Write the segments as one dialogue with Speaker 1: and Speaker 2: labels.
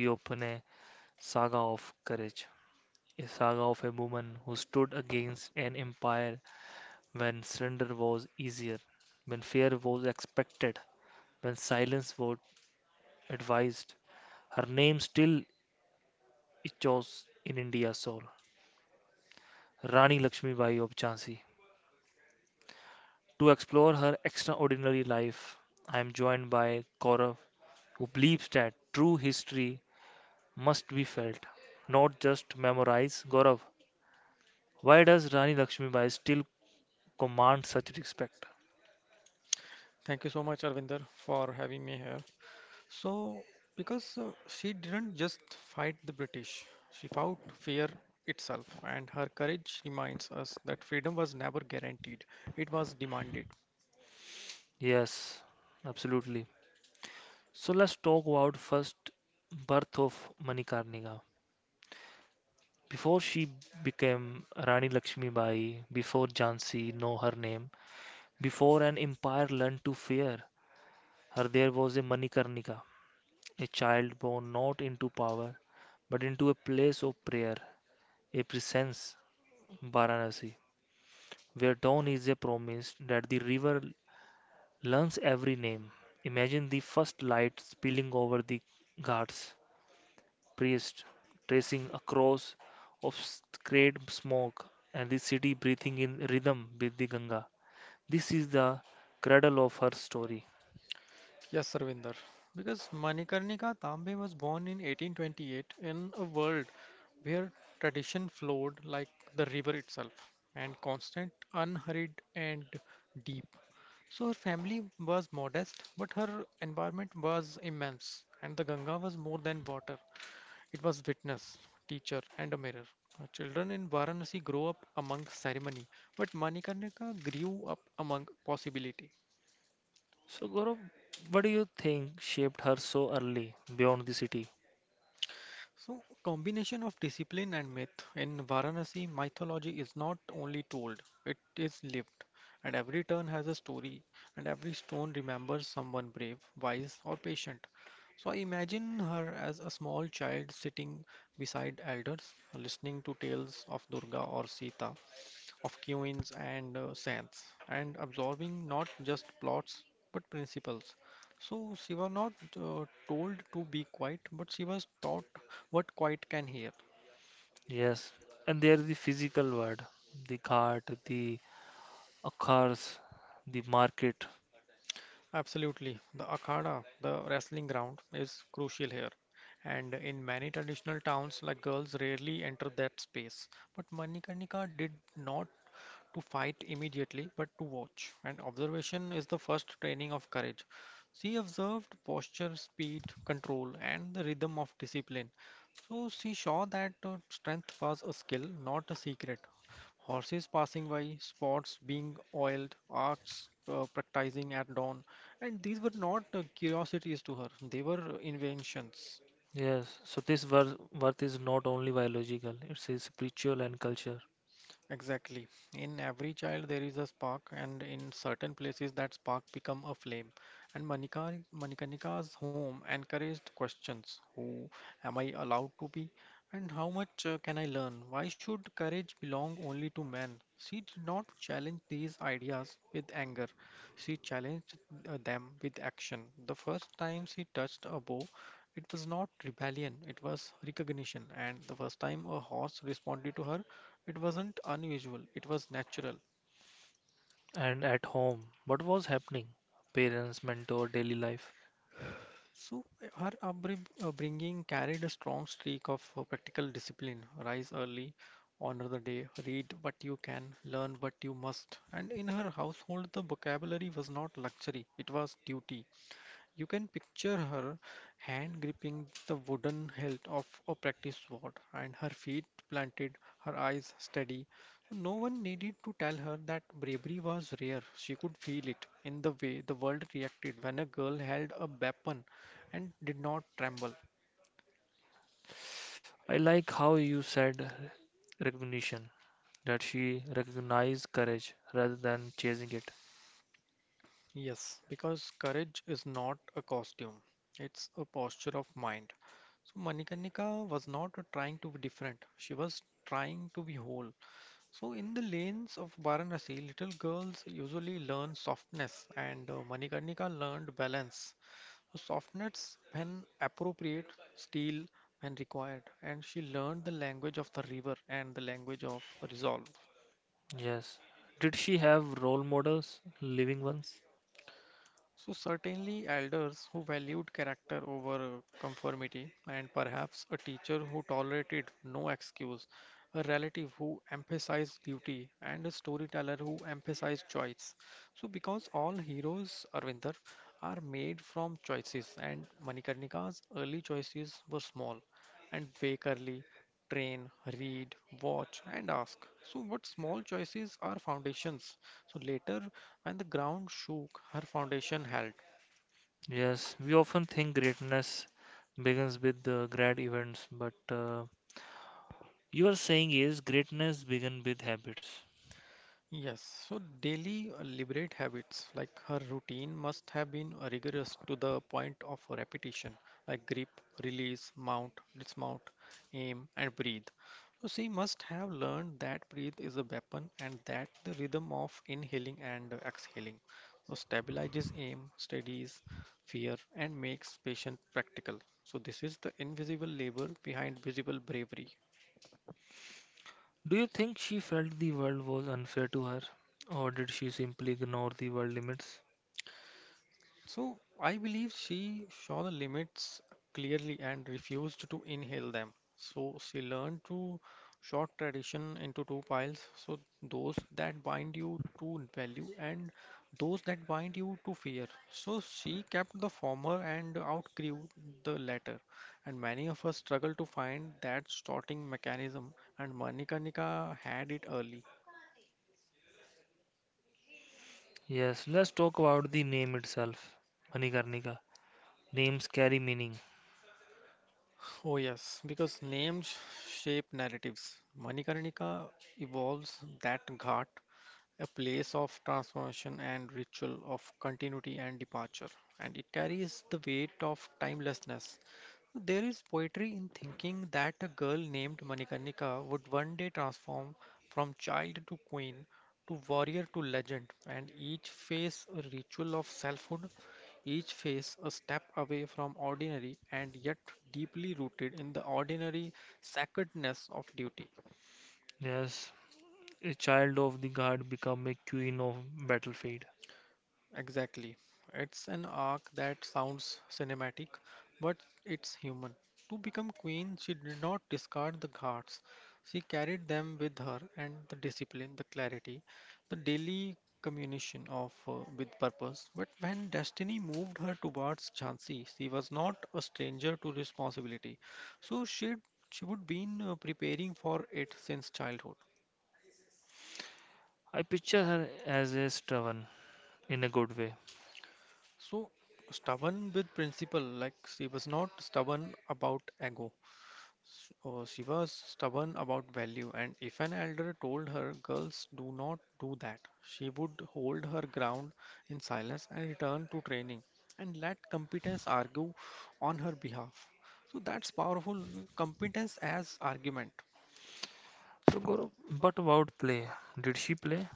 Speaker 1: we open a saga of courage, a saga of a woman who stood against an empire when surrender was easier, when fear was expected, when silence was advised. Her name still echoes in India's soul Rani Lakshmibai of Jhansi. To explore her extraordinary life, I am joined by Gaurav, who believes that true history must be felt, not just memorized. Gaurav, why does Rani Lakshmibai still command such respect?
Speaker 2: Thank you so much, Arvinder, for having me here. So, because she didn't just fight the British, she fought fear itself, and her courage reminds us that freedom was never guaranteed, it was demanded.
Speaker 1: Yes, absolutely. So let's talk about first birth of Manikarnika. Before she became Rani Lakshmibai, before Jhansi know her name, before an empire learned to fear her, there was a Manikarnika, a child born not into power, but into a place of prayer, a presence, Varanasi, where dawn is a promise that the river learns every name. Imagine the first light spilling over the ghats, priest tracing a cross of sacred smoke, and the city breathing in rhythm with the Ganga. This is the cradle of her story.
Speaker 2: Yes, Arvinder, because Manikarnika Tambe was born in 1828 in a world where tradition flowed like the river itself, and constant, unhurried, and deep. So her family was modest, but her environment was immense, and the Ganga was more than water. It was witness, teacher, and a mirror. Children in Varanasi grow up among ceremony, but Manikarnika grew up among possibility.
Speaker 1: So, Gaurav, what do you think shaped her so early beyond the city?
Speaker 2: So, combination of discipline and myth. In Varanasi, mythology is not only told, it is lived. And every turn has a story, and every stone remembers someone brave, wise, or patient. So, I imagine her as a small child sitting beside elders, listening to tales of Durga or Sita, of queens and saints, and absorbing not just plots but principles. So she was not told to be quiet, but she was taught what quiet can hear.
Speaker 1: Yes, and there is the physical world, the cart, the cars, the market.
Speaker 2: Absolutely, the akhada, the wrestling ground, is crucial here. And in many traditional towns, like girls rarely enter that space. But Manikarnika did not to fight immediately, but to watch. And observation is the first training of courage. She observed posture, speed, control, and the rhythm of discipline. So she saw that strength was a skill, not a secret. Horses passing by, spots being oiled, arts practicing at dawn, and these were not curiosities to her, they were inventions.
Speaker 1: Yes, so this worth is not only biological, it's a spiritual and culture.
Speaker 2: Exactly. In every child there is a spark and in certain places that spark become a flame. And Manikanika's home encouraged questions. Who am I allowed to be? And how much can I learn? Why should courage belong only to men? She did not challenge these ideas with anger. She challenged them with action. The first time she touched a bow, it was not rebellion, it was recognition. And the first time a horse responded to her, it wasn't unusual, it was natural.
Speaker 1: And at home, what was happening? Parents, mentor, daily life.
Speaker 2: So, her upbringing carried a strong streak of practical discipline rise early, honor the day, read what you can, learn what you must. And in her household, the vocabulary was not luxury, it was duty. You can picture her hand gripping the wooden hilt of a practice sword and her feet planted, her eyes steady. No one needed to tell her that bravery was rare. She could feel it in the way the world reacted when a girl held a weapon and did not tremble.
Speaker 1: I like how you said recognition, that she recognized courage rather than chasing it.
Speaker 2: Yes, because courage is not a costume, it's a posture of mind. So Manikarnika was not trying to be different, she was trying to be whole. So, in the lanes of Varanasi, little girls usually learn softness, and Manikarnika learned balance. So, softness when appropriate, steel when required, and she learned the language of the river and the language of resolve.
Speaker 1: Yes. Did she have role models, living ones?
Speaker 2: So, certainly, elders who valued character over conformity, and perhaps a teacher who tolerated no excuse, a relative who emphasized duty, and a storyteller who emphasized choice. So, because all heroes, Arvinder, are made from choices, and Manikarnika's early choices were small and wake early, train, read, watch, and ask. So, what small choices are foundations? So, later when the ground shook, her foundation held.
Speaker 1: Yes, we often think greatness begins with the grad events, but you are saying is greatness begin with habits.
Speaker 2: Yes, so daily liberate habits like her routine must have been rigorous to the point of repetition, like grip, release, mount, dismount, aim, and breathe. So she must have learned that breathe is a weapon and that the rhythm of inhaling and exhaling. So stabilizes aim, steadies fear, and makes patient practical. So this is the invisible labor behind visible bravery.
Speaker 1: Do you think she felt the world was unfair to her, or did she simply ignore the world limits?
Speaker 2: So I believe she saw the limits clearly and refused to inhale them. So she learned to sort tradition into two piles. So those that bind you to value and those that bind you to fear. So she kept the former and outgrew the latter. And many of us struggle to find that sorting mechanism. And Manika Nikka had it early.
Speaker 1: Yes, let's talk about the name itself, Manikarnika. Names carry meaning.
Speaker 2: Oh, yes, because names shape narratives. Manikarnika evolves that ghat, a place of transformation and ritual of continuity and departure, and it carries the weight of timelessness. There is poetry in thinking that a girl named Manikarnika would one day transform from child to queen, to warrior to legend, and each phase a ritual of selfhood, each phase a step away from ordinary and yet deeply rooted in the ordinary sacredness of duty.
Speaker 1: Yes, a child of the guard become a queen of battlefield.
Speaker 2: Exactly. It's an arc that sounds cinematic, but it's human. To become queen, she did not discard the guards. She carried them with her, and the discipline, the clarity, the daily communication of with purpose. But when destiny moved her towards Jhansi, she was not a stranger to responsibility. So she would been preparing for it since childhood.
Speaker 1: I picture her as a stubborn in a good way.
Speaker 2: So stubborn with principle, like she was not stubborn about ego. She was stubborn about value, and if an elder told her, "Girls, do not do that," she would hold her ground in silence and return to training and let competence argue on her behalf. So that's powerful competence as argument.
Speaker 1: So, Gaurav, but about play? Did she play?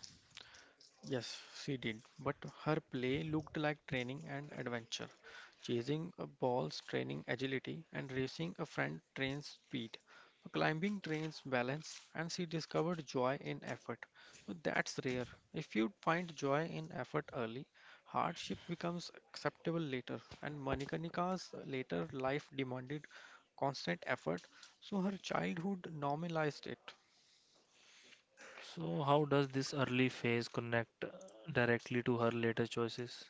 Speaker 2: Yes, she did, but her play looked like training and adventure. Chasing a ball's training agility and racing a friend trains speed. Climbing trains balance, and she discovered joy in effort. So that's rare. If you find joy in effort early, hardship becomes acceptable later, and Manikanika's later life demanded constant effort, so her childhood normalized it.
Speaker 1: So, how does this early phase connect directly to her later choices?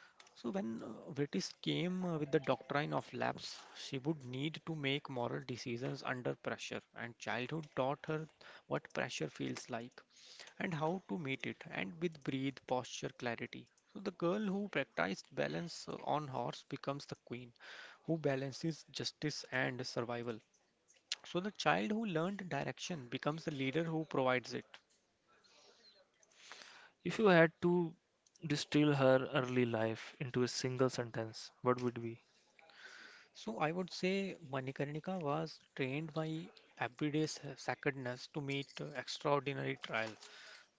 Speaker 2: So when British came with the doctrine of lapse, she would need to make moral decisions under pressure, and childhood taught her what pressure feels like and how to meet it, and with breathe, posture, clarity. So the girl who practiced balance on horse becomes the queen, who balances justice and survival. So the child who learned direction becomes the leader who provides it.
Speaker 1: If you had to distill her early life into a single sentence, what would be?
Speaker 2: So I would say Manikarnika was trained by everyday sacredness to meet extraordinary trial.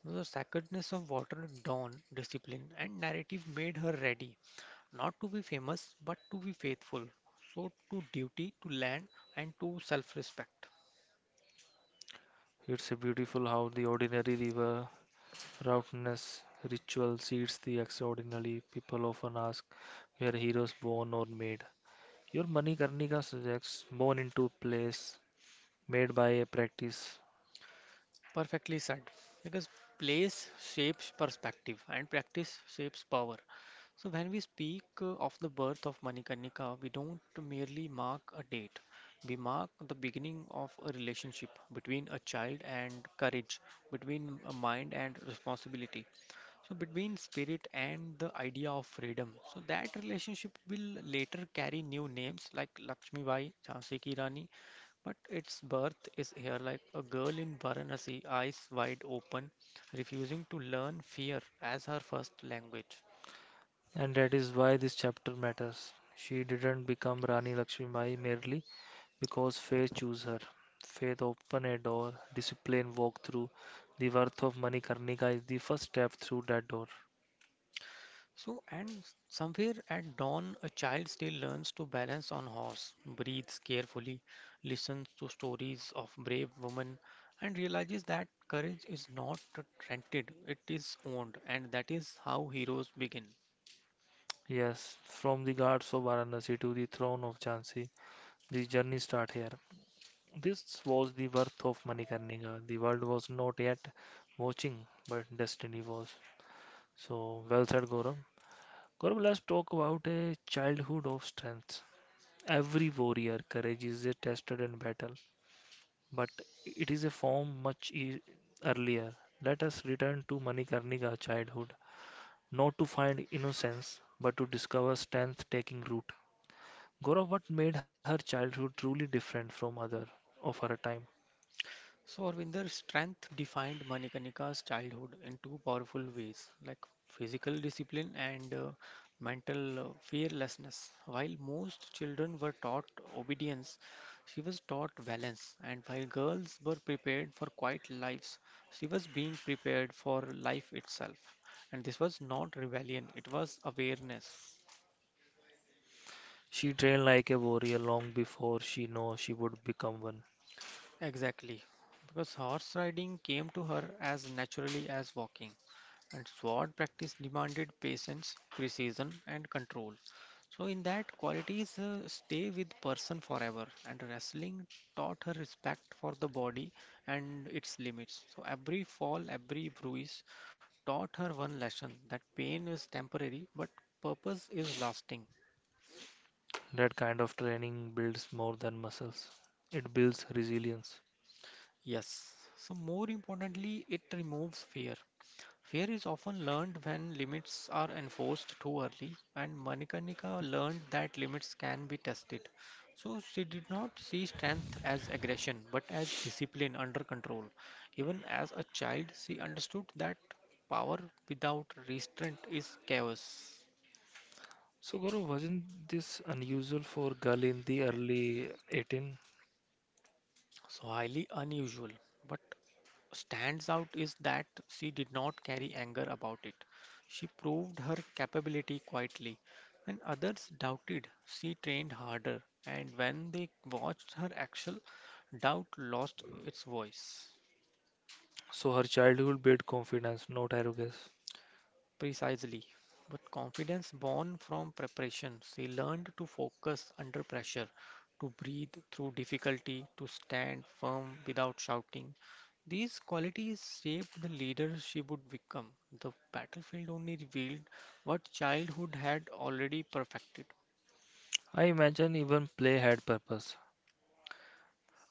Speaker 2: The sacredness of water, dawn, discipline, and narrative made her ready, not to be famous, but to be faithful. So to duty, to land, and to self-respect.
Speaker 1: It's a beautiful how the ordinary river roughness ritual seeds the extraordinary. People often ask where heroes born or made. Your Manikarnika suggests born into a place made by a practice,
Speaker 2: Perfectly said. Because place shapes perspective and practice shapes power. So when we speak of the birth of Manikarnika, we don't merely mark a date. We mark the beginning of a relationship between a child and courage, between a mind and responsibility. So between spirit and the idea of freedom. So that relationship will later carry new names like Lakshmi Bai, Jhansi Ki Rani, but its birth is here like a girl in Varanasi, eyes wide open, refusing to learn fear as her first language.
Speaker 1: and that is why this chapter matters. She didn't become Rani Lakshmibai merely because faith chose her. Faith opened a door, discipline walked through. The worth of Manikarnika is the first step through that door.
Speaker 2: So, and somewhere at dawn, a child still learns to balance on horse, breathes carefully, listens to stories of brave women, and realizes that courage is not rented, it is owned, and that is how heroes begin.
Speaker 1: Yes, from the guards of Varanasi to the throne of Jhansi, the journey start here. This was the worth of Manikarnika. The world was not yet watching, but destiny was. So, well said, Gaurav. Gaurav, let's talk about a childhood of strength. Every warrior courage is tested in battle, but it is a form much earlier. Let us return to Manikarnika's childhood, not to find innocence, but to discover strength taking root. Gaurav, what made her childhood truly different from other of her time?
Speaker 2: So Arvinder's strength defined Manikanika's childhood in two powerful ways, like physical discipline and mental fearlessness. While most children were taught obedience, she was taught balance, and while girls were prepared for quiet lives, she was being prepared for life itself. And this was not rebellion, it was awareness.
Speaker 1: She trained like a warrior long before she knew she would become one.
Speaker 2: Exactly, because horse riding came to her as naturally as walking. And sword practice demanded patience, precision, and control. So, in that, qualities stay with person forever. And wrestling taught her respect for the body and its limits. So, every fall, every bruise taught her one lesson that pain is temporary, but purpose is lasting.
Speaker 1: That kind of training builds more than muscles. It builds resilience.
Speaker 2: Yes. So, more importantly, it removes fear. Fear is often learned when limits are enforced too early, and Manikarnika learned that limits can be tested. So she did not see strength as aggression but as discipline under control. Even as a child, she understood that power without restraint is chaos.
Speaker 1: So, Gaurav, wasn't this unusual for girl in the early 18?
Speaker 2: So highly unusual, but stands out is that she did not carry anger about it. She proved her capability quietly. When others doubted, she trained harder, and when they watched her actual doubt lost its voice.
Speaker 1: So her childhood built confidence, not arrogance.
Speaker 2: Precisely. But confidence born from preparation. She learned to focus under pressure, to breathe through difficulty, to stand firm without shouting. These qualities shaped the leader she would become. The battlefield only revealed what childhood had already perfected.
Speaker 1: I imagine even play had purpose.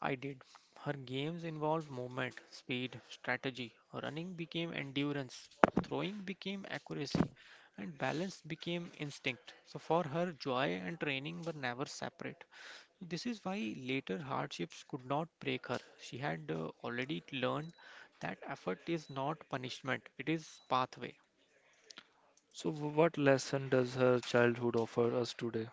Speaker 2: I did. Her games involved movement, speed, strategy. Running became endurance, throwing became accuracy, and balance became instinct. So, for her, joy and training were never separate. So, this is why later hardships could not break her. She had already learned that effort is not punishment, it is pathway.
Speaker 1: So, what lesson does her childhood offer us today?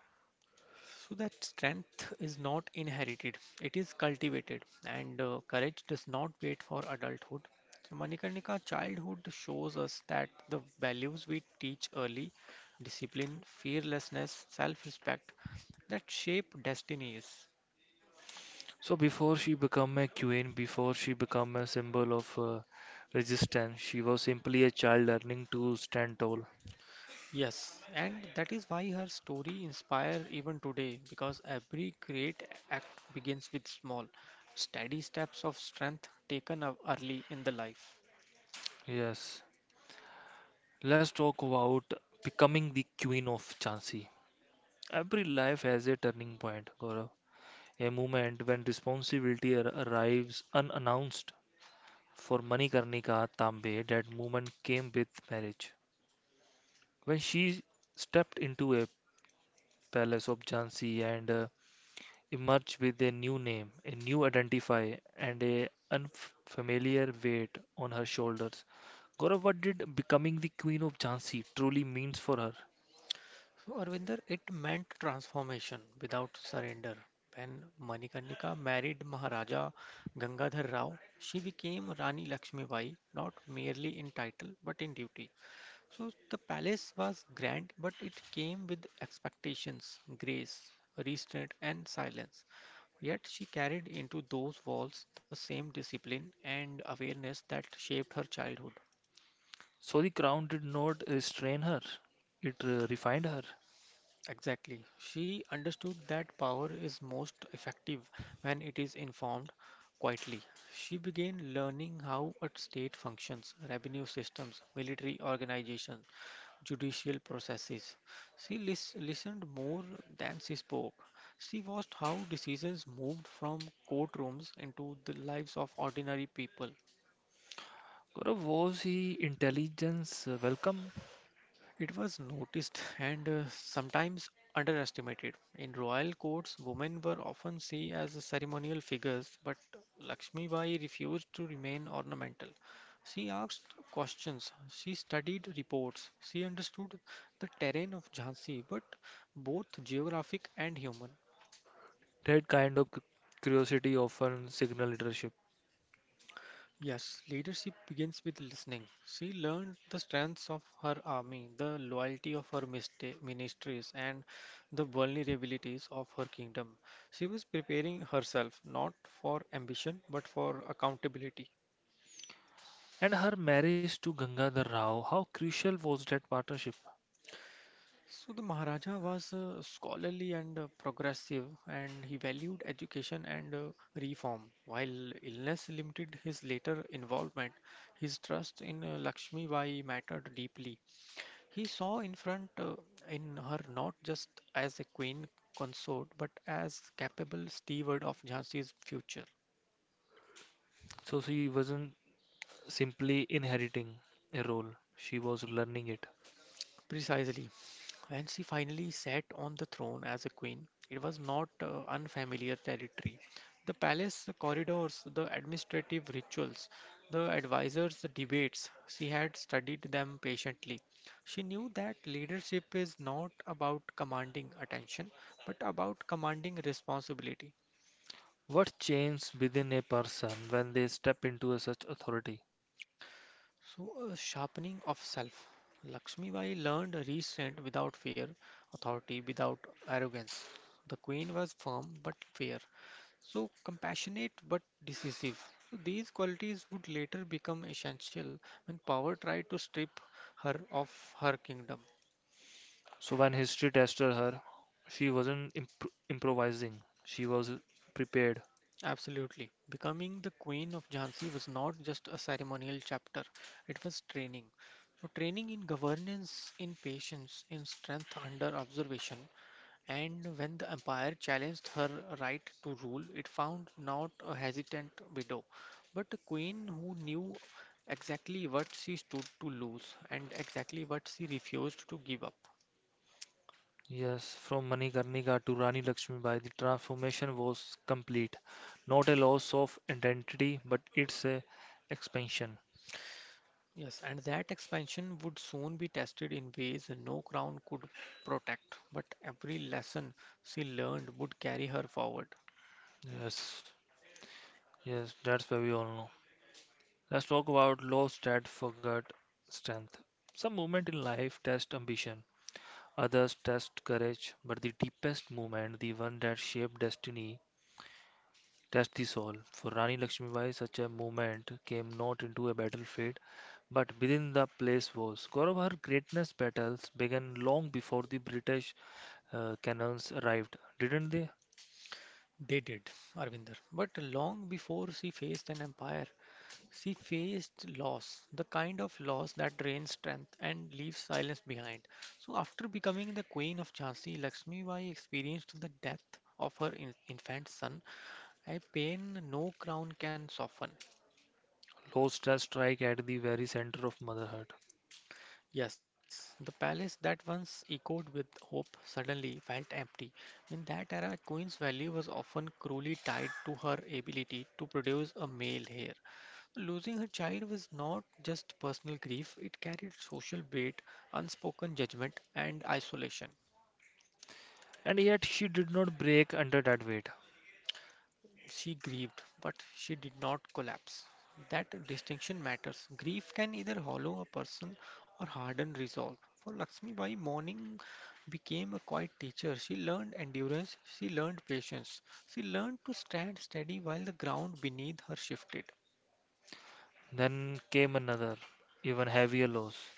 Speaker 2: So that strength is not inherited, it is cultivated, and courage does not wait for adulthood. So Manikarnika, childhood shows us that the values we teach early discipline, fearlessness, self respect that shape destinies.
Speaker 1: So, before she became a queen, before she became a symbol of resistance, she was simply a child learning to stand tall.
Speaker 2: Yes, and that is why her story inspires even today because every great act begins with small, steady steps of strength taken up early in the life.
Speaker 1: Yes. Let's talk about becoming the queen of Jhansi. Every life has a turning point, Gaurav. A moment when responsibility arrives unannounced. For Manikarnika Tambe, that moment came with marriage. When she stepped into a palace of Jhansi and emerged with a new name, a new identify, and a unfamiliar weight on her shoulders, Gaurav, what did becoming the queen of Jhansi truly means for her?
Speaker 2: So, Arvinder, it meant transformation without surrender. When Manikarnika married Maharaja Gangadhar Rao, she became Rani Lakshmibai, not merely in title but in duty. So, the palace was grand, but it came with expectations, grace, restraint, and silence. Yet, she carried into those walls the same discipline and awareness that shaped her childhood.
Speaker 1: So the crown did not restrain her; it refined her.
Speaker 2: Exactly. She understood that power is most effective when it is informed quietly. She began learning how a state functions, revenue systems, military organizations, judicial processes. She listened more than she spoke. She watched how decisions moved from courtrooms into the lives of ordinary people.
Speaker 1: Gaurav, was he intelligence welcome?
Speaker 2: It was noticed and sometimes underestimated. In royal courts, women were often seen as ceremonial figures, but Lakshmi Bai refused to remain ornamental. She asked questions, she studied reports, she understood the terrain of Jhansi, but both geographic and human.
Speaker 1: That kind of curiosity often signal leadership.
Speaker 2: Yes, leadership begins with listening. She learned the strengths of her army, the loyalty of her ministries, and the vulnerabilities of her kingdom. She was preparing herself not for ambition but for accountability.
Speaker 1: And her marriage to Gangadhar Rao, how crucial was that partnership?
Speaker 2: So, the Maharaja was scholarly and progressive, and he valued education and reform. While illness limited his later involvement, his trust in Lakshmi Bai mattered deeply. He saw in her not just as a queen consort but as capable steward of Jhansi's future.
Speaker 1: So she wasn't simply inheriting a role, she was learning it.
Speaker 2: Precisely. When she finally sat on the throne as a queen, it was not unfamiliar territory. The palace corridors, the administrative rituals, the advisors' debates, she had studied them patiently. She knew that leadership is not about commanding attention, but about commanding responsibility.
Speaker 1: What changes within a person when they step into a such authority?
Speaker 2: So, a sharpening of self. Lakshmi Bai learned restraint without fear, authority without arrogance. The queen was firm but fair, so compassionate but decisive. So these qualities would later become essential when power tried to strip her of her kingdom.
Speaker 1: So when history tested her, she wasn't improvising, she was prepared.
Speaker 2: Absolutely. Becoming the queen of Jhansi was not just a ceremonial chapter, it was training. So training in governance, in patience, in strength under observation, and when the empire challenged her right to rule, it found not a hesitant widow, but a queen who knew exactly what she stood to lose and exactly what she refused to give up.
Speaker 1: Yes, from Manikarnika to Rani Lakshmibai, the transformation was complete. Not a loss of identity, but it's a expansion.
Speaker 2: Yes, and that expansion would soon be tested in ways no crown could protect, but every lesson she learned would carry her forward.
Speaker 1: Yes, yes, that's why we all know. Let's talk about low stat forgot strength. Some movement in life test ambition, others test courage, but the deepest movement, the one that shaped destiny, test the soul. For Rani Lakshmibai, such a movement came not into a battlefield, but within the place was. Gaurav, her greatness battles began long before the British cannons arrived, didn't they?
Speaker 2: They did, Arvinder. But long before she faced an empire, she faced loss, the kind of loss that drains strength and leaves silence behind. So, after becoming the queen of Jhansi, Lakshmi Bai experienced the death of her infant son, a pain no crown can soften.
Speaker 1: Low stress strike at the very center of motherhood.
Speaker 2: Yes, the palace that once echoed with hope suddenly felt empty. In that era, a queen's value was often cruelly tied to her ability to produce a male heir. Losing her child was not just personal grief, it carried social weight, unspoken judgment, and isolation.
Speaker 1: And yet she did not break under that weight.
Speaker 2: She grieved, but she did not collapse. That distinction matters. Grief can either hollow a person or harden resolve. For Lakshmibai, mourning became a quiet teacher. She learned endurance, she learned patience, she learned to stand steady while the ground beneath her shifted.
Speaker 1: Then came another, even heavier loss.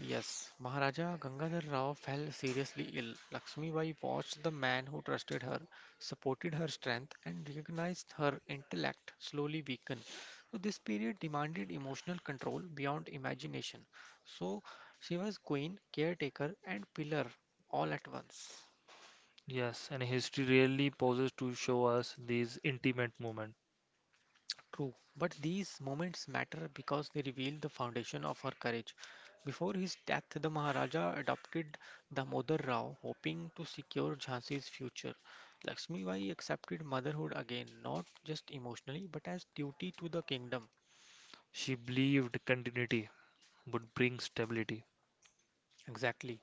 Speaker 2: Yes, Maharaja Gangadhar Rao fell seriously ill. Lakshmi Bai watched the man who trusted her, supported her strength, and recognized her intellect slowly weaken. So, this period demanded emotional control beyond imagination. So, she was queen, caretaker, and pillar all at once.
Speaker 1: Yes, and history really pauses to show us these intimate moments.
Speaker 2: True, but these moments matter because they reveal the foundation of her courage. Before his death, the Maharaja adopted Damodar Rao, hoping to secure Jhansi's future. Lakshmi Bai accepted motherhood again, not just emotionally, but as duty to the kingdom.
Speaker 1: She believed continuity would bring stability.
Speaker 2: Exactly.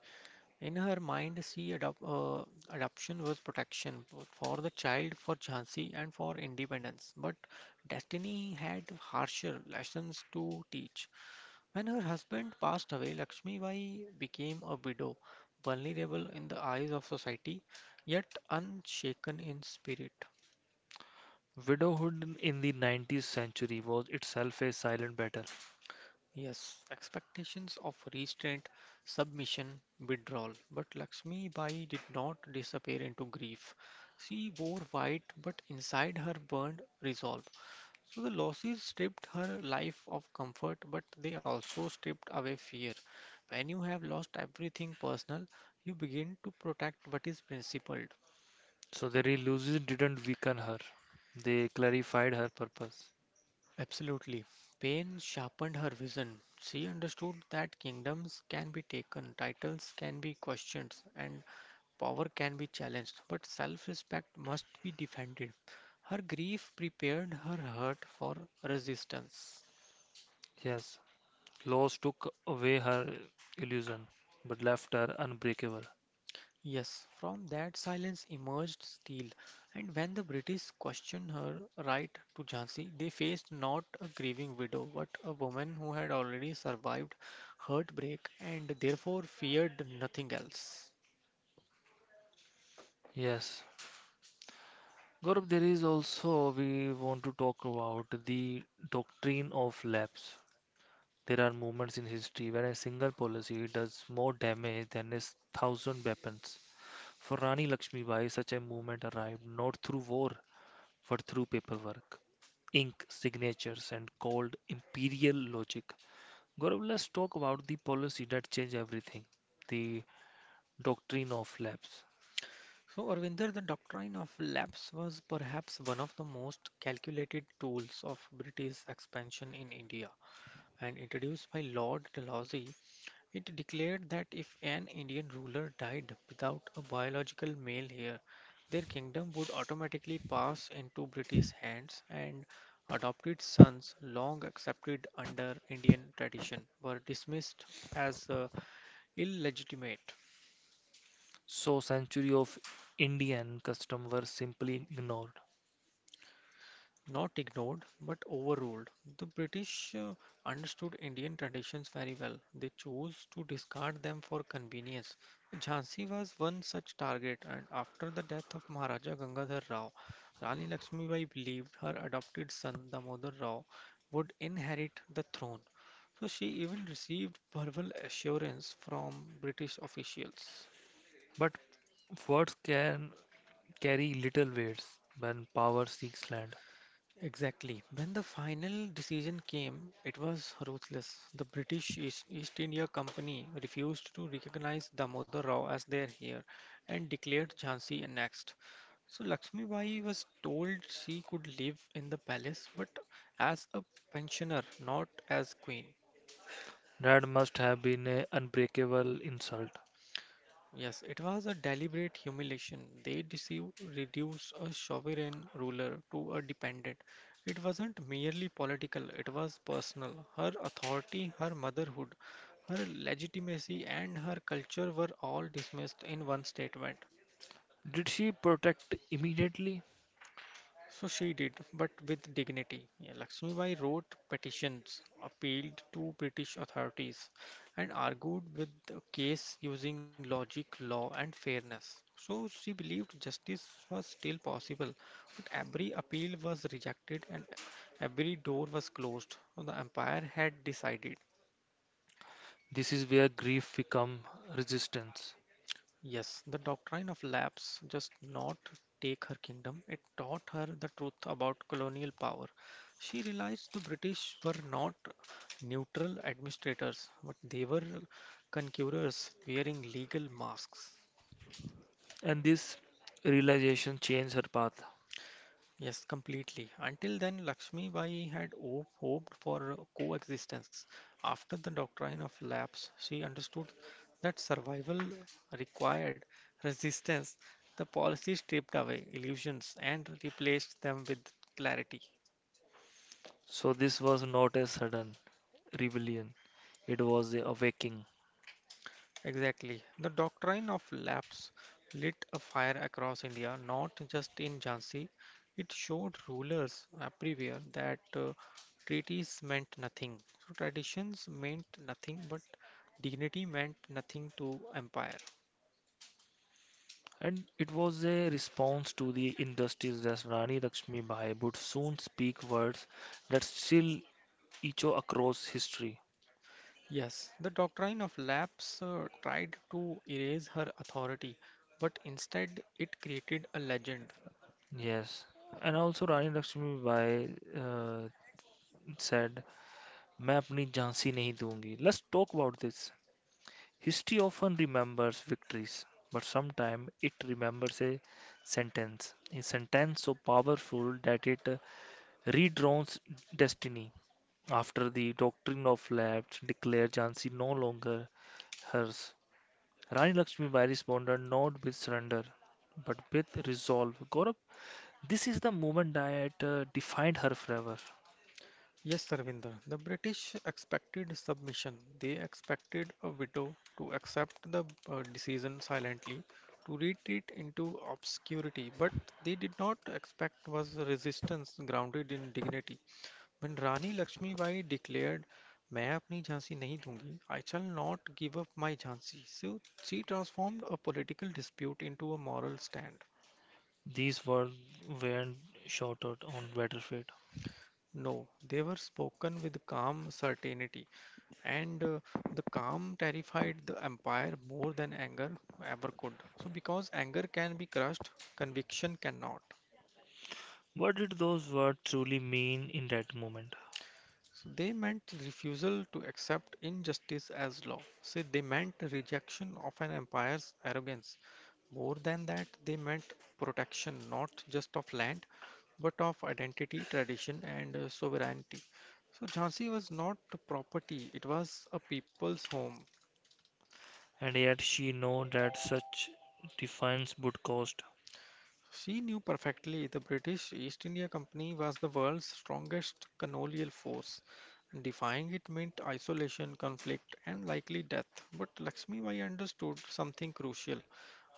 Speaker 2: In her mind, she adop adoption was protection both for the child, for Jhansi, and for independence. But destiny had harsher lessons to teach. When her husband passed away, Lakshmi Bai became a widow, vulnerable in the eyes of society, yet unshaken in spirit.
Speaker 1: Widowhood in the 19th century was itself a silent battle.
Speaker 2: Yes, expectations of restraint, submission, withdrawal. But Lakshmi Bai did not disappear into grief. She wore white, but inside her burned resolve. So the losses stripped her life of comfort, but they also stripped away fear. When you have lost everything personal, you begin to protect what is principled.
Speaker 1: So their illusions didn't weaken her, they clarified her purpose.
Speaker 2: Absolutely. Pain sharpened her vision. She understood that kingdoms can be taken, titles can be questioned, and power can be challenged, but self respect must be defended. Her grief prepared her heart for resistance.
Speaker 1: Yes, loss took away her illusion, but left her unbreakable.
Speaker 2: Yes, from that silence emerged steel, and when the British questioned her right to Jhansi, they faced not a grieving widow, but a woman who had already survived heartbreak and therefore feared nothing else.
Speaker 1: Yes, Gaurav, there is also, we want to talk about the doctrine of lapse. There are moments in history where a single policy does more damage than a thousand weapons. For Rani Lakshmibai, such a movement arrived not through war, but through paperwork, ink, signatures, and called imperial logic. Gaurav, let's talk about the policy that changed everything, the doctrine of lapse.
Speaker 2: So, Arvinder, the doctrine of lapse was perhaps one of the most calculated tools of British expansion in India, and introduced by Lord Dalhousie. It declared that if an Indian ruler died without a biological male heir, their kingdom would automatically pass into British hands, and adopted sons, long accepted under Indian tradition, were dismissed as illegitimate.
Speaker 1: So, century of Indian custom were simply ignored.
Speaker 2: Not ignored, but overruled. The British understood Indian traditions very well. They chose to discard them for convenience. Jhansi was one such target, and after the death of Maharaja Gangadhar Rao, Rani Lakshmibai believed her adopted son Damodar Rao would inherit the throne. So she even received verbal assurance from British officials.
Speaker 1: But words can carry little weight when power seeks land.
Speaker 2: Exactly. When the final decision came, it was ruthless. The East India Company refused to recognize Damodar Rao as their heir and declared Jhansi annexed. So Lakshmi Bai was told she could live in the palace, but as a pensioner, not as queen.
Speaker 1: That must have been an unbreakable insult.
Speaker 2: Yes, it was a deliberate humiliation. They deceived, reduced a sovereign ruler to a dependent. It wasn't merely political, it was personal. Her authority, her motherhood, her legitimacy, and her culture were all dismissed in one statement.
Speaker 1: Did she protect immediately?
Speaker 2: So she did, but with dignity. Yeah, Lakshmi Bai wrote petitions, appealed to British authorities, and argued with the case using logic, law, and fairness. So she believed justice was still possible, but every appeal was rejected and every door was closed. So the empire had decided.
Speaker 1: This is where grief becomes resistance.
Speaker 2: Yes, the doctrine of lapse just not take her kingdom. It taught her the truth about colonial power. She realized the British were not neutral administrators, but they were conquerors wearing legal masks.
Speaker 1: And this realization changed her path.
Speaker 2: Yes, completely. Until then, Lakshmi Bai had hoped for coexistence. After the doctrine of lapse, she understood that survival required resistance. The policy stripped away illusions and replaced them with clarity.
Speaker 1: So, this was not a sudden rebellion, it was a awakening.
Speaker 2: Exactly. The doctrine of lapse lit a fire across India, not just in Jhansi. It showed rulers everywhere that treaties meant nothing. So traditions meant nothing, but dignity meant nothing to empire.
Speaker 1: And it was a response to the injustice that Rani Lakshmi Bai would soon speak words that still echo across history.
Speaker 2: Yes, the doctrine of lapse tried to erase her authority, but instead it created a legend.
Speaker 1: Yes, and also Rani Lakshmibai uh, said, "मैं अपनी झांसी नहीं दूंगी." Let's talk about this. History often remembers victories, but sometimes it remembers a sentence so powerful that it redrawns destiny. After the doctrine of left declared Jhansi no longer hers, Rani Lakshmibai responded not with surrender, but with resolve. Gaurav, this is the moment that defined her forever.
Speaker 2: Yes, Sarvinder. The British expected submission. They expected a widow to accept the decision silently, to retreat into obscurity. But they did not expect was resistance grounded in dignity. When Rani Lakshmibai declared, "मैं अपनी झांसी नहीं दूंगी," I shall not give up my Jhansi. So she transformed a political dispute into a moral stand.
Speaker 1: These words weren't shouted on battlefield.
Speaker 2: No, they were spoken with calm certainty, and the calm terrified the empire more than anger ever could. So, because anger can be crushed, conviction cannot.
Speaker 1: What did those words truly mean in that moment?
Speaker 2: So, they meant refusal to accept injustice as law. So, they meant rejection of an empire's arrogance. More than that, they meant protection not just of land but of identity, tradition, and sovereignty. So, Jhansi was not a property, it was a people's home.
Speaker 1: And yet she knew that such defiance would cost.
Speaker 2: She knew perfectly the British East India Company was the world's strongest colonial force. Defying it meant isolation, conflict, and likely death. But Lakshmi Bai understood something crucial: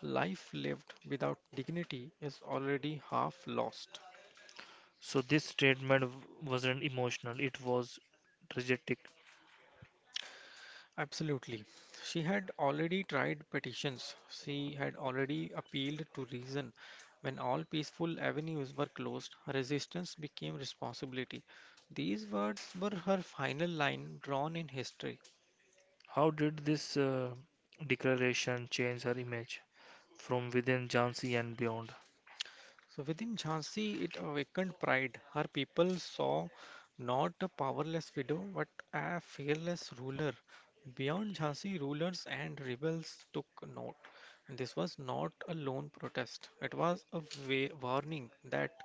Speaker 2: life lived without dignity is already half lost.
Speaker 1: So this statement wasn't emotional, it was tragic.
Speaker 2: Absolutely. She had already tried petitions. She had already appealed to reason. When all peaceful avenues were closed, resistance became responsibility. These words were her final line drawn in history.
Speaker 1: How did this declaration change her image from within Jhansi and beyond?
Speaker 2: So within Jhansi, it awakened pride. Her people saw not a powerless widow, but a fearless ruler. Beyond Jhansi, rulers and rebels took note. And this was not a lone protest, it was a warning that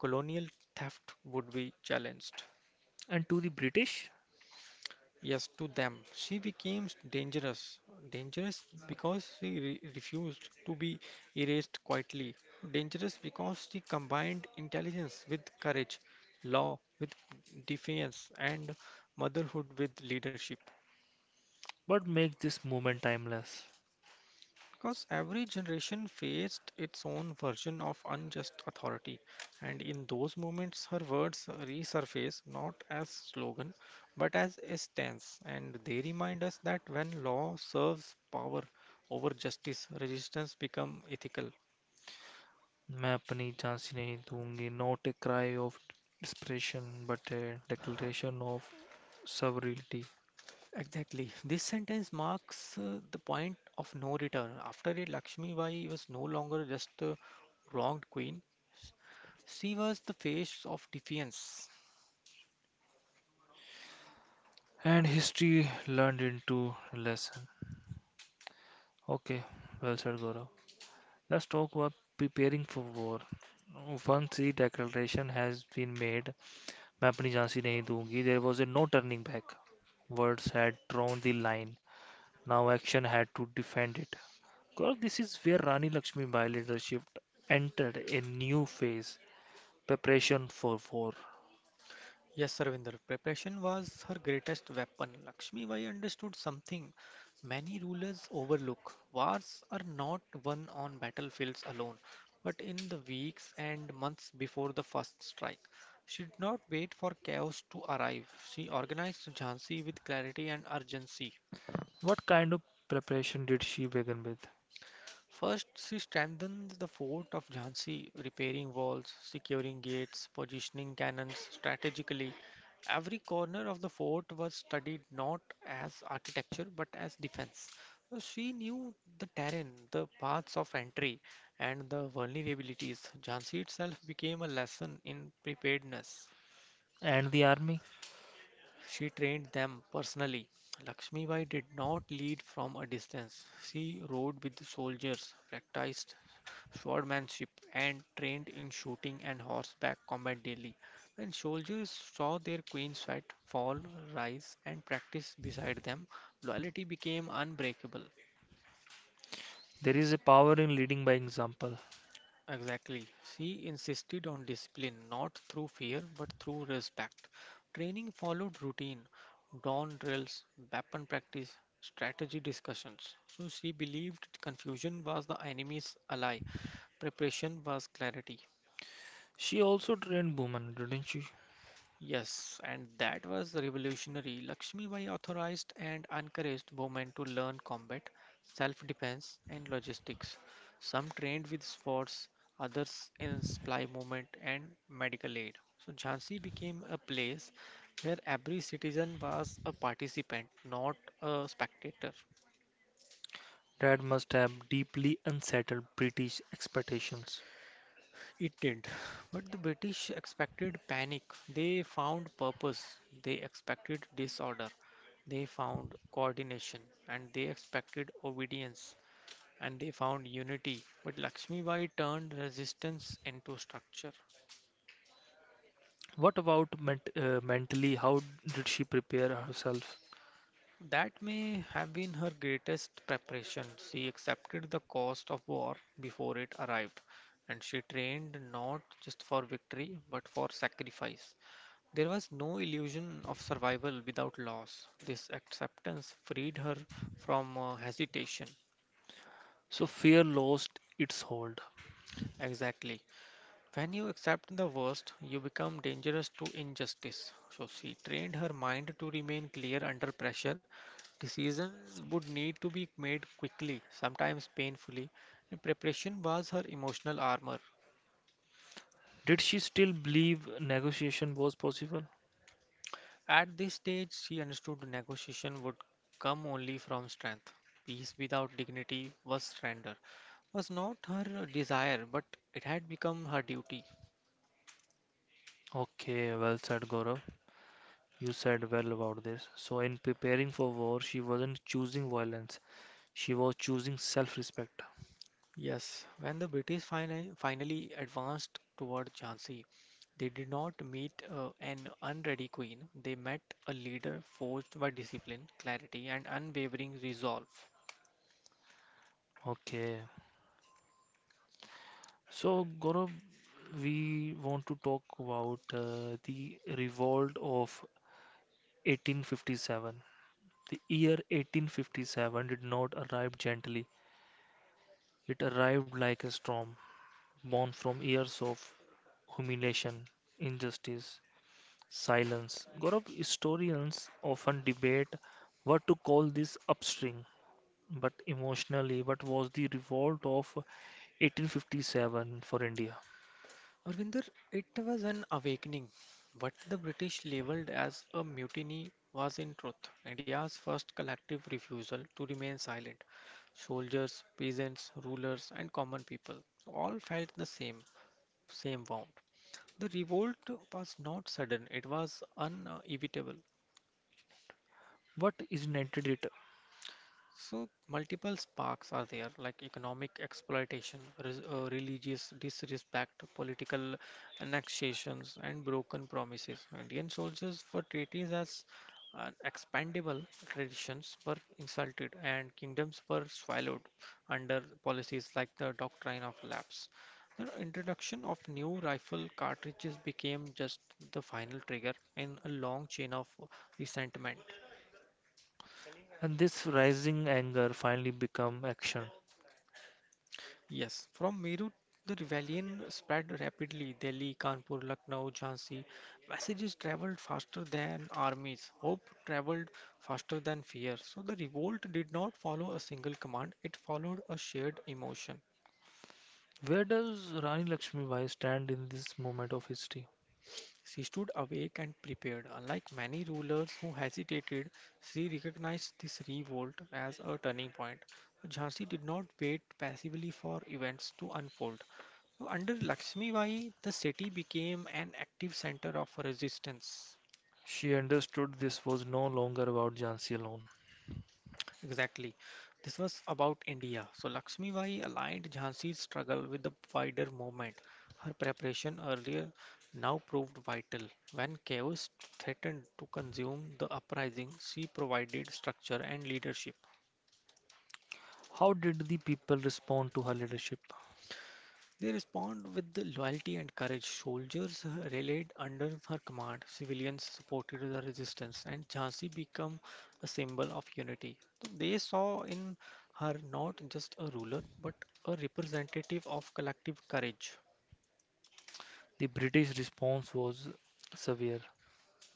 Speaker 2: colonial theft would be challenged.
Speaker 1: And to the British,
Speaker 2: Yes, to them. She became dangerous. Dangerous because she re refused to be erased quietly. Dangerous because she combined intelligence with courage, law with defiance, and motherhood with leadership.
Speaker 1: what makes this moment timeless?
Speaker 2: Because every generation faced its own version of unjust authority, and in those moments, her words resurface not as slogan but as a stance, and they remind us that when law serves power over justice, resistance becomes ethical.
Speaker 1: मैं अपनी झांसी नहीं दूंगी, not a cry of desperation but a declaration of sovereignty.
Speaker 2: Exactly. This sentence marks the point of no return. After it, Lakshmi Bai was no longer just a wronged queen, she was the face of defiance.
Speaker 1: And history learned into lesson. Okay, well said, Gaurav. Let's talk about preparing for war. Once the declaration has been made, मैं अपनी झांसी नहीं दूंगी, there was a no turning back. Words had drawn the line, now action had to defend it. Gaurav, this is where Rani Lakshmibai leadership entered a new phase. Preparation for war.
Speaker 2: Yes, Ravinder, preparation was her greatest weapon. Lakshmi Bai understood something many rulers overlook. Wars are not won on battlefields alone, but in the weeks and months before the first strike. She did not wait for chaos to arrive. She organized Jhansi with clarity and urgency.
Speaker 1: What kind of preparation did she begin with?
Speaker 2: First, she strengthens the fort of Jhansi, repairing walls, securing gates, positioning cannons strategically. Every corner of the fort was studied not as architecture but as defense. So she knew the terrain, the paths of entry, and the vulnerabilities. Jhansi itself became a lesson in preparedness.
Speaker 1: And the army?
Speaker 2: She trained them personally. Lakshmibai did not lead from a distance. She rode with the soldiers, practiced swordmanship and trained in shooting and horseback combat daily. When soldiers saw their queens fight, fall, rise, and practice beside them, loyalty became unbreakable.
Speaker 1: There is a power in leading by example.
Speaker 2: Exactly. She insisted on discipline, not through fear but through respect. Training followed routine, dawn drills, weapon practice, strategy discussions. So she believed confusion was the enemy's ally, preparation was clarity.
Speaker 1: She also trained women, didn't she?
Speaker 2: Yes, and that was revolutionary. Lakshmi Bai authorized and encouraged women to learn combat, self defense, and logistics. Some trained with swords, others in supply movement and medical aid. So, Jhansi became a place where every citizen was a participant, not a spectator.
Speaker 1: That must have deeply unsettled British expectations.
Speaker 2: It did. Not But the British expected panic. They found purpose. They expected disorder. They found coordination. And they expected obedience. And they found unity. But Lakshmi Bai turned resistance into structure.
Speaker 1: What about mentally? How did she prepare herself?
Speaker 2: That may have been her greatest preparation. She accepted the cost of war before it arrived. And she trained not just for victory, but for sacrifice. There was no illusion of survival without loss. This acceptance freed her from hesitation.
Speaker 1: So fear lost its hold.
Speaker 2: Exactly. When you accept the worst, you become dangerous to injustice. So she trained her mind to remain clear under pressure. Decisions would need to be made quickly, sometimes painfully, and preparation was her emotional armor.
Speaker 1: Did she still believe negotiation was possible?
Speaker 2: At this stage, she understood negotiation would come only from strength. Peace without dignity was surrender, was not her desire, but it had become her duty.
Speaker 1: Okay, well said, Gaurav. You said well about this. So, in preparing for war, she wasn't choosing violence. She was choosing self-respect.
Speaker 2: Yes, when the British finally advanced toward Jhansi, they did not meet an unready queen. They met a leader forged by discipline, clarity, and unwavering resolve.
Speaker 1: Okay. So, Gaurav, we want to talk about the revolt of 1857. The year 1857 did not arrive gently. It arrived like a storm, born from years of humiliation, injustice, silence. Gaurav, historians often debate what to call this upstring, but emotionally, what was the revolt of 1857 for India?
Speaker 2: Arvinder, it was an awakening. What the British labeled as a mutiny was in truth India's first collective refusal to remain silent. Soldiers, peasants, rulers, and common people all felt the same wound. The revolt was not sudden, it was inevitable.
Speaker 1: What ignited it?
Speaker 2: So multiple sparks are there, like economic exploitation, religious disrespect, political annexations, and broken promises. Indian soldiers were treated as expandable traditions were insulted, and kingdoms were swallowed under policies like the doctrine of lapse. The introduction of new rifle cartridges became just the final trigger in a long chain of resentment.
Speaker 1: And this rising anger finally become action.
Speaker 2: Yes, from Meerut, the rebellion spread rapidly. Delhi, Kanpur, Lucknow, Jhansi. Messages traveled faster than armies. Hope traveled faster than fear. So the revolt did not follow a single command, it followed a shared emotion.
Speaker 1: Where does Rani Lakshmibai stand in this moment of history?
Speaker 2: She stood awake and prepared. Unlike many rulers who hesitated, she recognized this revolt as a turning point. Jhansi did not wait passively for events to unfold. So under Lakshmibai, the city became an active center of resistance.
Speaker 1: She understood this was no longer about Jhansi alone.
Speaker 2: Exactly. This was about India. So Lakshmi Bai aligned Jhansi's struggle with the wider movement. Her preparation earlier now proved vital. When chaos threatened to consume the uprising, she provided structure and leadership.
Speaker 1: How did the people respond to her leadership?
Speaker 2: They respond with the loyalty and courage. Soldiers rallied under her command, civilians supported the resistance, and Jhansi became a symbol of unity. So they saw in her not just a ruler but a representative of collective courage.
Speaker 1: The British response was severe.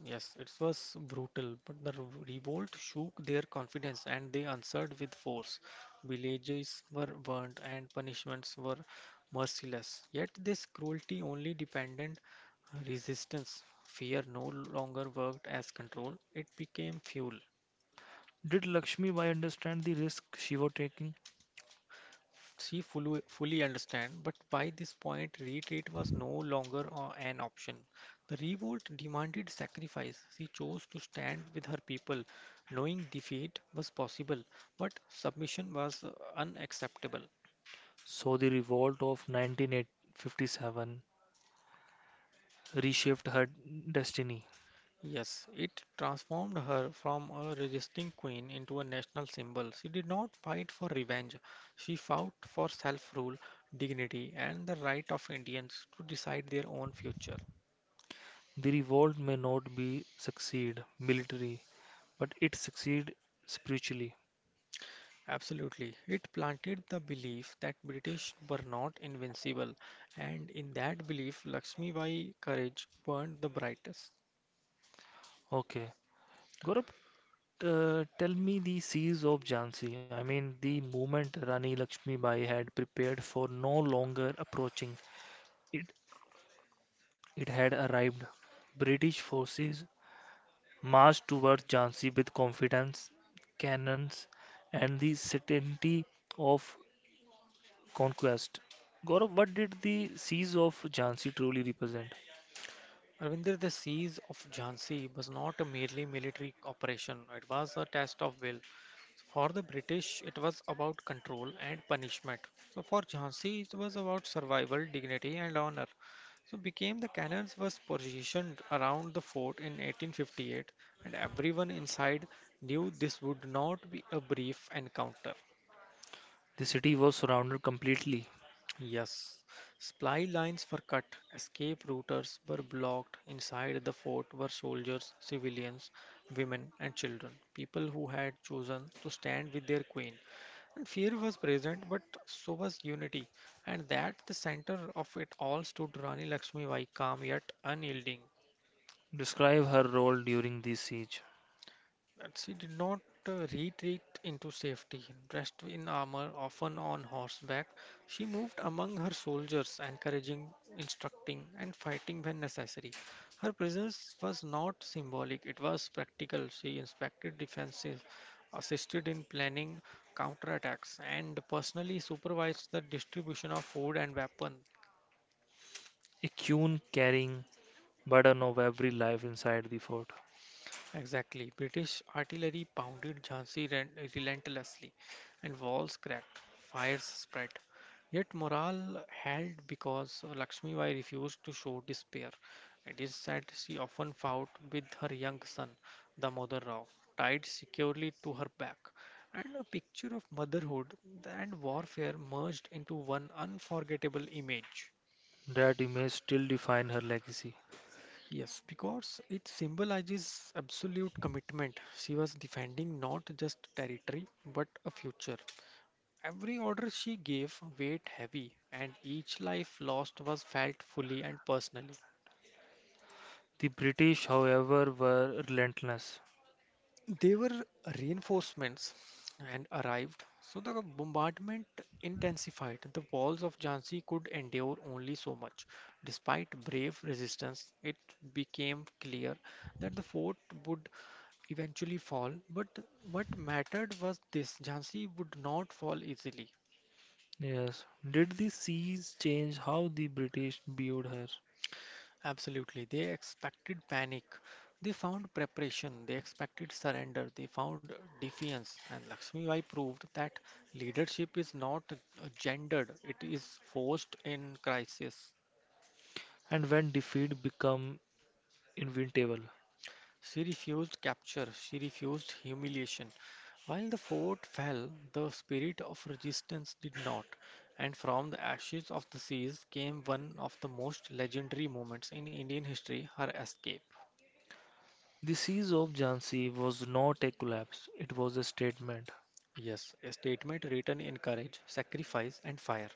Speaker 2: Yes, it was brutal, but the revolt shook their confidence and they answered with force. Villages were burned and punishments were merciless. Yet this cruelty only dependent resistance. Fear no longer worked as control, it became fuel.
Speaker 1: Did Lakshmibai understand the risk she was taking?
Speaker 2: She fully understand, but by this point retreat was no longer an option. The revolt demanded sacrifice. She chose to stand with her people, knowing defeat was possible, but submission was unacceptable.
Speaker 1: So the revolt of 1957 reshaped her destiny.
Speaker 2: Yes, it transformed her from a resisting queen into a national symbol. She did not fight for revenge. She fought for self rule, dignity, and the right of Indians to decide their own future.
Speaker 1: The revolt may not be succeed military, but it succeed spiritually.
Speaker 2: Absolutely. It planted the belief that British were not invincible, and in that belief, Lakshmi Bai's courage burned the brightest.
Speaker 1: Okay. Gaurav, tell me the siege of Jhansi. I mean, the moment Rani Lakshmi Bai had prepared for no longer approaching. It, it had arrived. British forces marched towards Jhansi with confidence, cannons, and the certainty of conquest. Gaurav, what did the siege of Jhansi truly represent?
Speaker 2: Ravindra, the siege of Jhansi was not a merely military operation, it was a test of will. For the British, it was about control and punishment. So for Jhansi, it was about survival, dignity, and honor. So became the cannons was positioned around the fort in 1858, and everyone inside knew this would not be a brief encounter.
Speaker 1: The city was surrounded completely.
Speaker 2: Yes, supply lines were cut, escape routes were blocked. Inside the fort were soldiers, civilians, women, and children, people who had chosen to stand with their queen. And fear was present, but so was unity, and that the center of it all stood Rani Lakshmibai, calm yet unyielding.
Speaker 1: Describe her role during the siege.
Speaker 2: And she did not retreat into safety. Dressed in armor, often on horseback, she moved among her soldiers, encouraging, instructing, and fighting when necessary. Her presence was not symbolic, it was practical. She inspected defenses, assisted in planning counterattacks, and personally supervised the distribution of food and weapons.
Speaker 1: A queen carrying burden of every life inside the fort.
Speaker 2: Exactly. British artillery pounded Jhansi relentlessly, and walls cracked, fires spread. Yet morale held because Lakshmi Bai refused to show despair. It is said she often fought with her young son, Damodar Rao, tied securely to her back. And a picture of motherhood and warfare merged into one unforgettable image.
Speaker 1: That image still define her legacy.
Speaker 2: Yes, because it symbolizes absolute commitment. She was defending not just territory, but a future. Every order she gave weighed heavy, and each life lost was felt fully and personally.
Speaker 1: The British, however, were relentless.
Speaker 2: They were reinforcements and arrived, so the bombardment intensified. The walls of Jhansi could endure only so much. Despite brave resistance, it became clear that the fort would eventually fall. But what mattered was this: Jhansi would not fall easily.
Speaker 1: Yes. Did the seas change how the British viewed her?
Speaker 2: Absolutely. They expected panic. They found preparation. They expected surrender. They found defiance. And Lakshmi Bai proved that leadership is not gendered, it is forced in crisis.
Speaker 1: And when defeat became inevitable?
Speaker 2: She refused capture, she refused humiliation. While the fort fell, the spirit of resistance did not. And from the ashes of the seas came one of the most legendary moments in Indian history, her escape.
Speaker 1: The siege of Jhansi was not a collapse, it was a statement.
Speaker 2: Yes, a statement written in courage, sacrifice, and fire.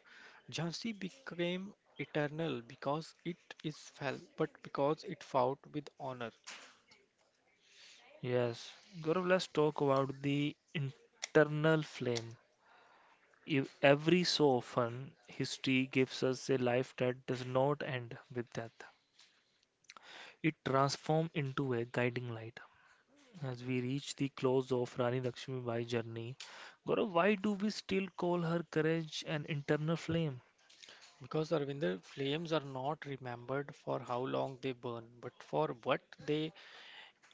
Speaker 2: Jhansi became eternal because it is fell, but because it fought with honor.
Speaker 1: Yes. Gaurav, let's talk about the internal flame. If every so often, history gives us a life that does not end with death. It transforms into a guiding light. As we reach the close of Rani Lakshmibai's journey, Gaurav, why do we still call her courage an internal flame?
Speaker 2: Because, Arvinder, flames are not remembered for how long they burn, but for what they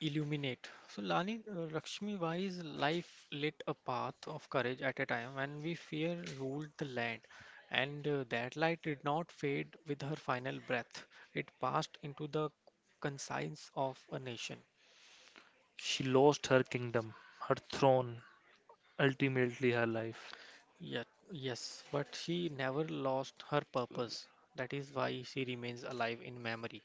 Speaker 2: illuminate. So, Lakshmi Bai's life lit a path of courage at a time when we fear ruled the land, and that light did not fade with her final breath. It passed into the conscience of a nation.
Speaker 1: She lost her kingdom, her throne, ultimately her life.
Speaker 2: Yet, yes, but she never lost her purpose. That is why she remains alive in memory.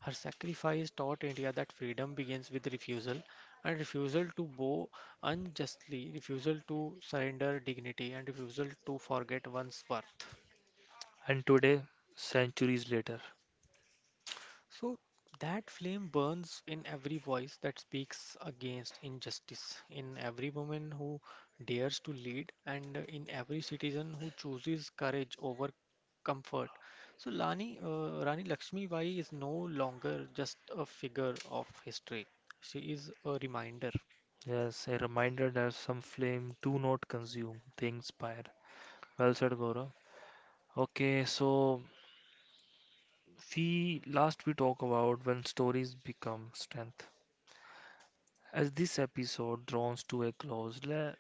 Speaker 2: Her sacrifice taught India that freedom begins with refusal, and refusal to bow unjustly, refusal to surrender dignity, and refusal to forget one's worth.
Speaker 1: And today, centuries later,
Speaker 2: So that flame burns in every voice that speaks against injustice, in every woman who dares to lead, and in every citizen who chooses courage over comfort. So Rani Lakshmi Bai is no longer just a figure of history. She is a reminder.
Speaker 1: yes, a reminder that some flame do not consume, they inspire. Well said, Gaurav. Okay, so we talk about when stories become strength. As this episode draws to a close,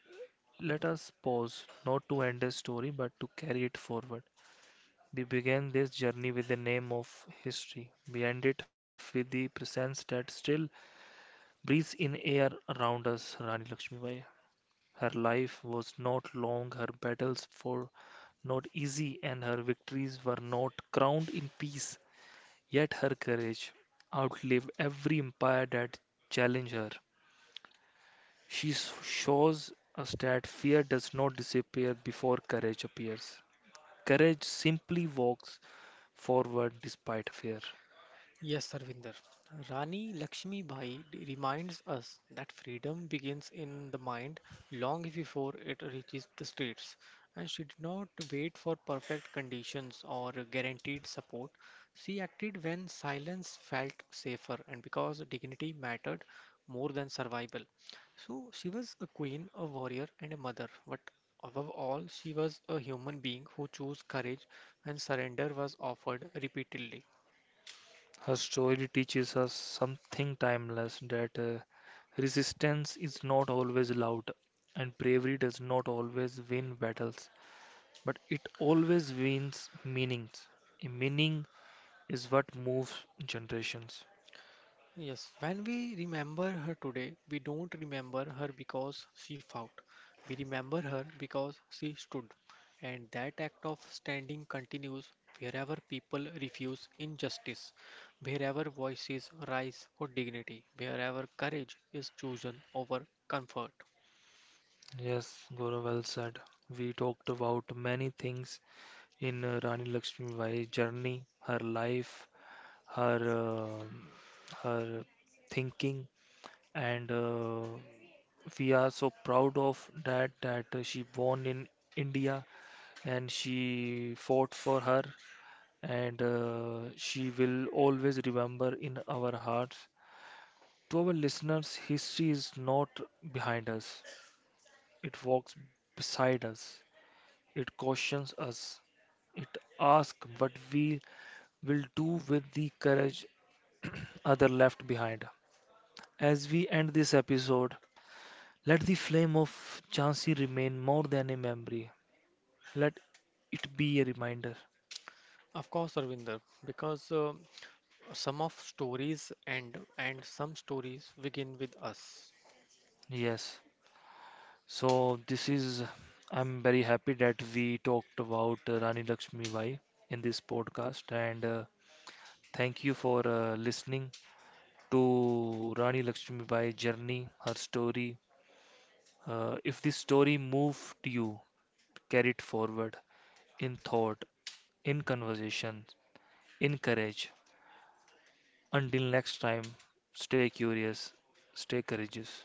Speaker 1: let us pause not to end a story but to carry it forward. We began this journey with the name of history. We end it with the presence that still breathes in air around us, Rani Lakshmibai. Her life was not long, her battles for not easy, and her victories were not crowned in peace. Yet her courage outlived every empire that challenged her. She shows us that fear does not disappear before courage appears. Courage simply walks forward despite fear.
Speaker 2: Yes, Sarvinder. Rani Lakshmi Bai reminds us that freedom begins in the mind long before it reaches the streets. And she did not wait for perfect conditions or guaranteed support. She acted when silence felt safer and because dignity mattered more than survival. So she was a queen, a warrior, and a mother. But above all, she was a human being who chose courage when surrender was offered repeatedly.
Speaker 1: Her story teaches us something timeless that resistance is not always loud and bravery does not always win battles, but it always wins meanings. A meaning is what moves generations.
Speaker 2: Yes, when we remember her today, we don't remember her because she fought. We remember her because she stood. And that act of standing continues wherever people refuse injustice, wherever voices rise for dignity, wherever courage is chosen over comfort.
Speaker 1: Yes, Gaurav, well said. We talked about many things in Rani Lakshmibai's journey, her life, her um her thinking, and we are so proud of that she born in India and she fought for her, and she will always remember in our hearts. To our listeners, history is not behind us; it walks beside us. It cautions us. It asks what we will do with the courage other left behind. As we end this episode, let the flame of Jhansi remain more than a memory. Let it be a reminder.
Speaker 2: Of course, Arvinder, because some of stories end and some stories begin with us.
Speaker 1: Yes. So this is. I'm very happy that we talked about Rani Lakshmi Bai in this podcast, and thank you for listening to Rani Lakshmi Bai's journey, her story. If this story moved you, carry it forward in thought, in conversation, in courage. Until next time, stay curious, stay courageous.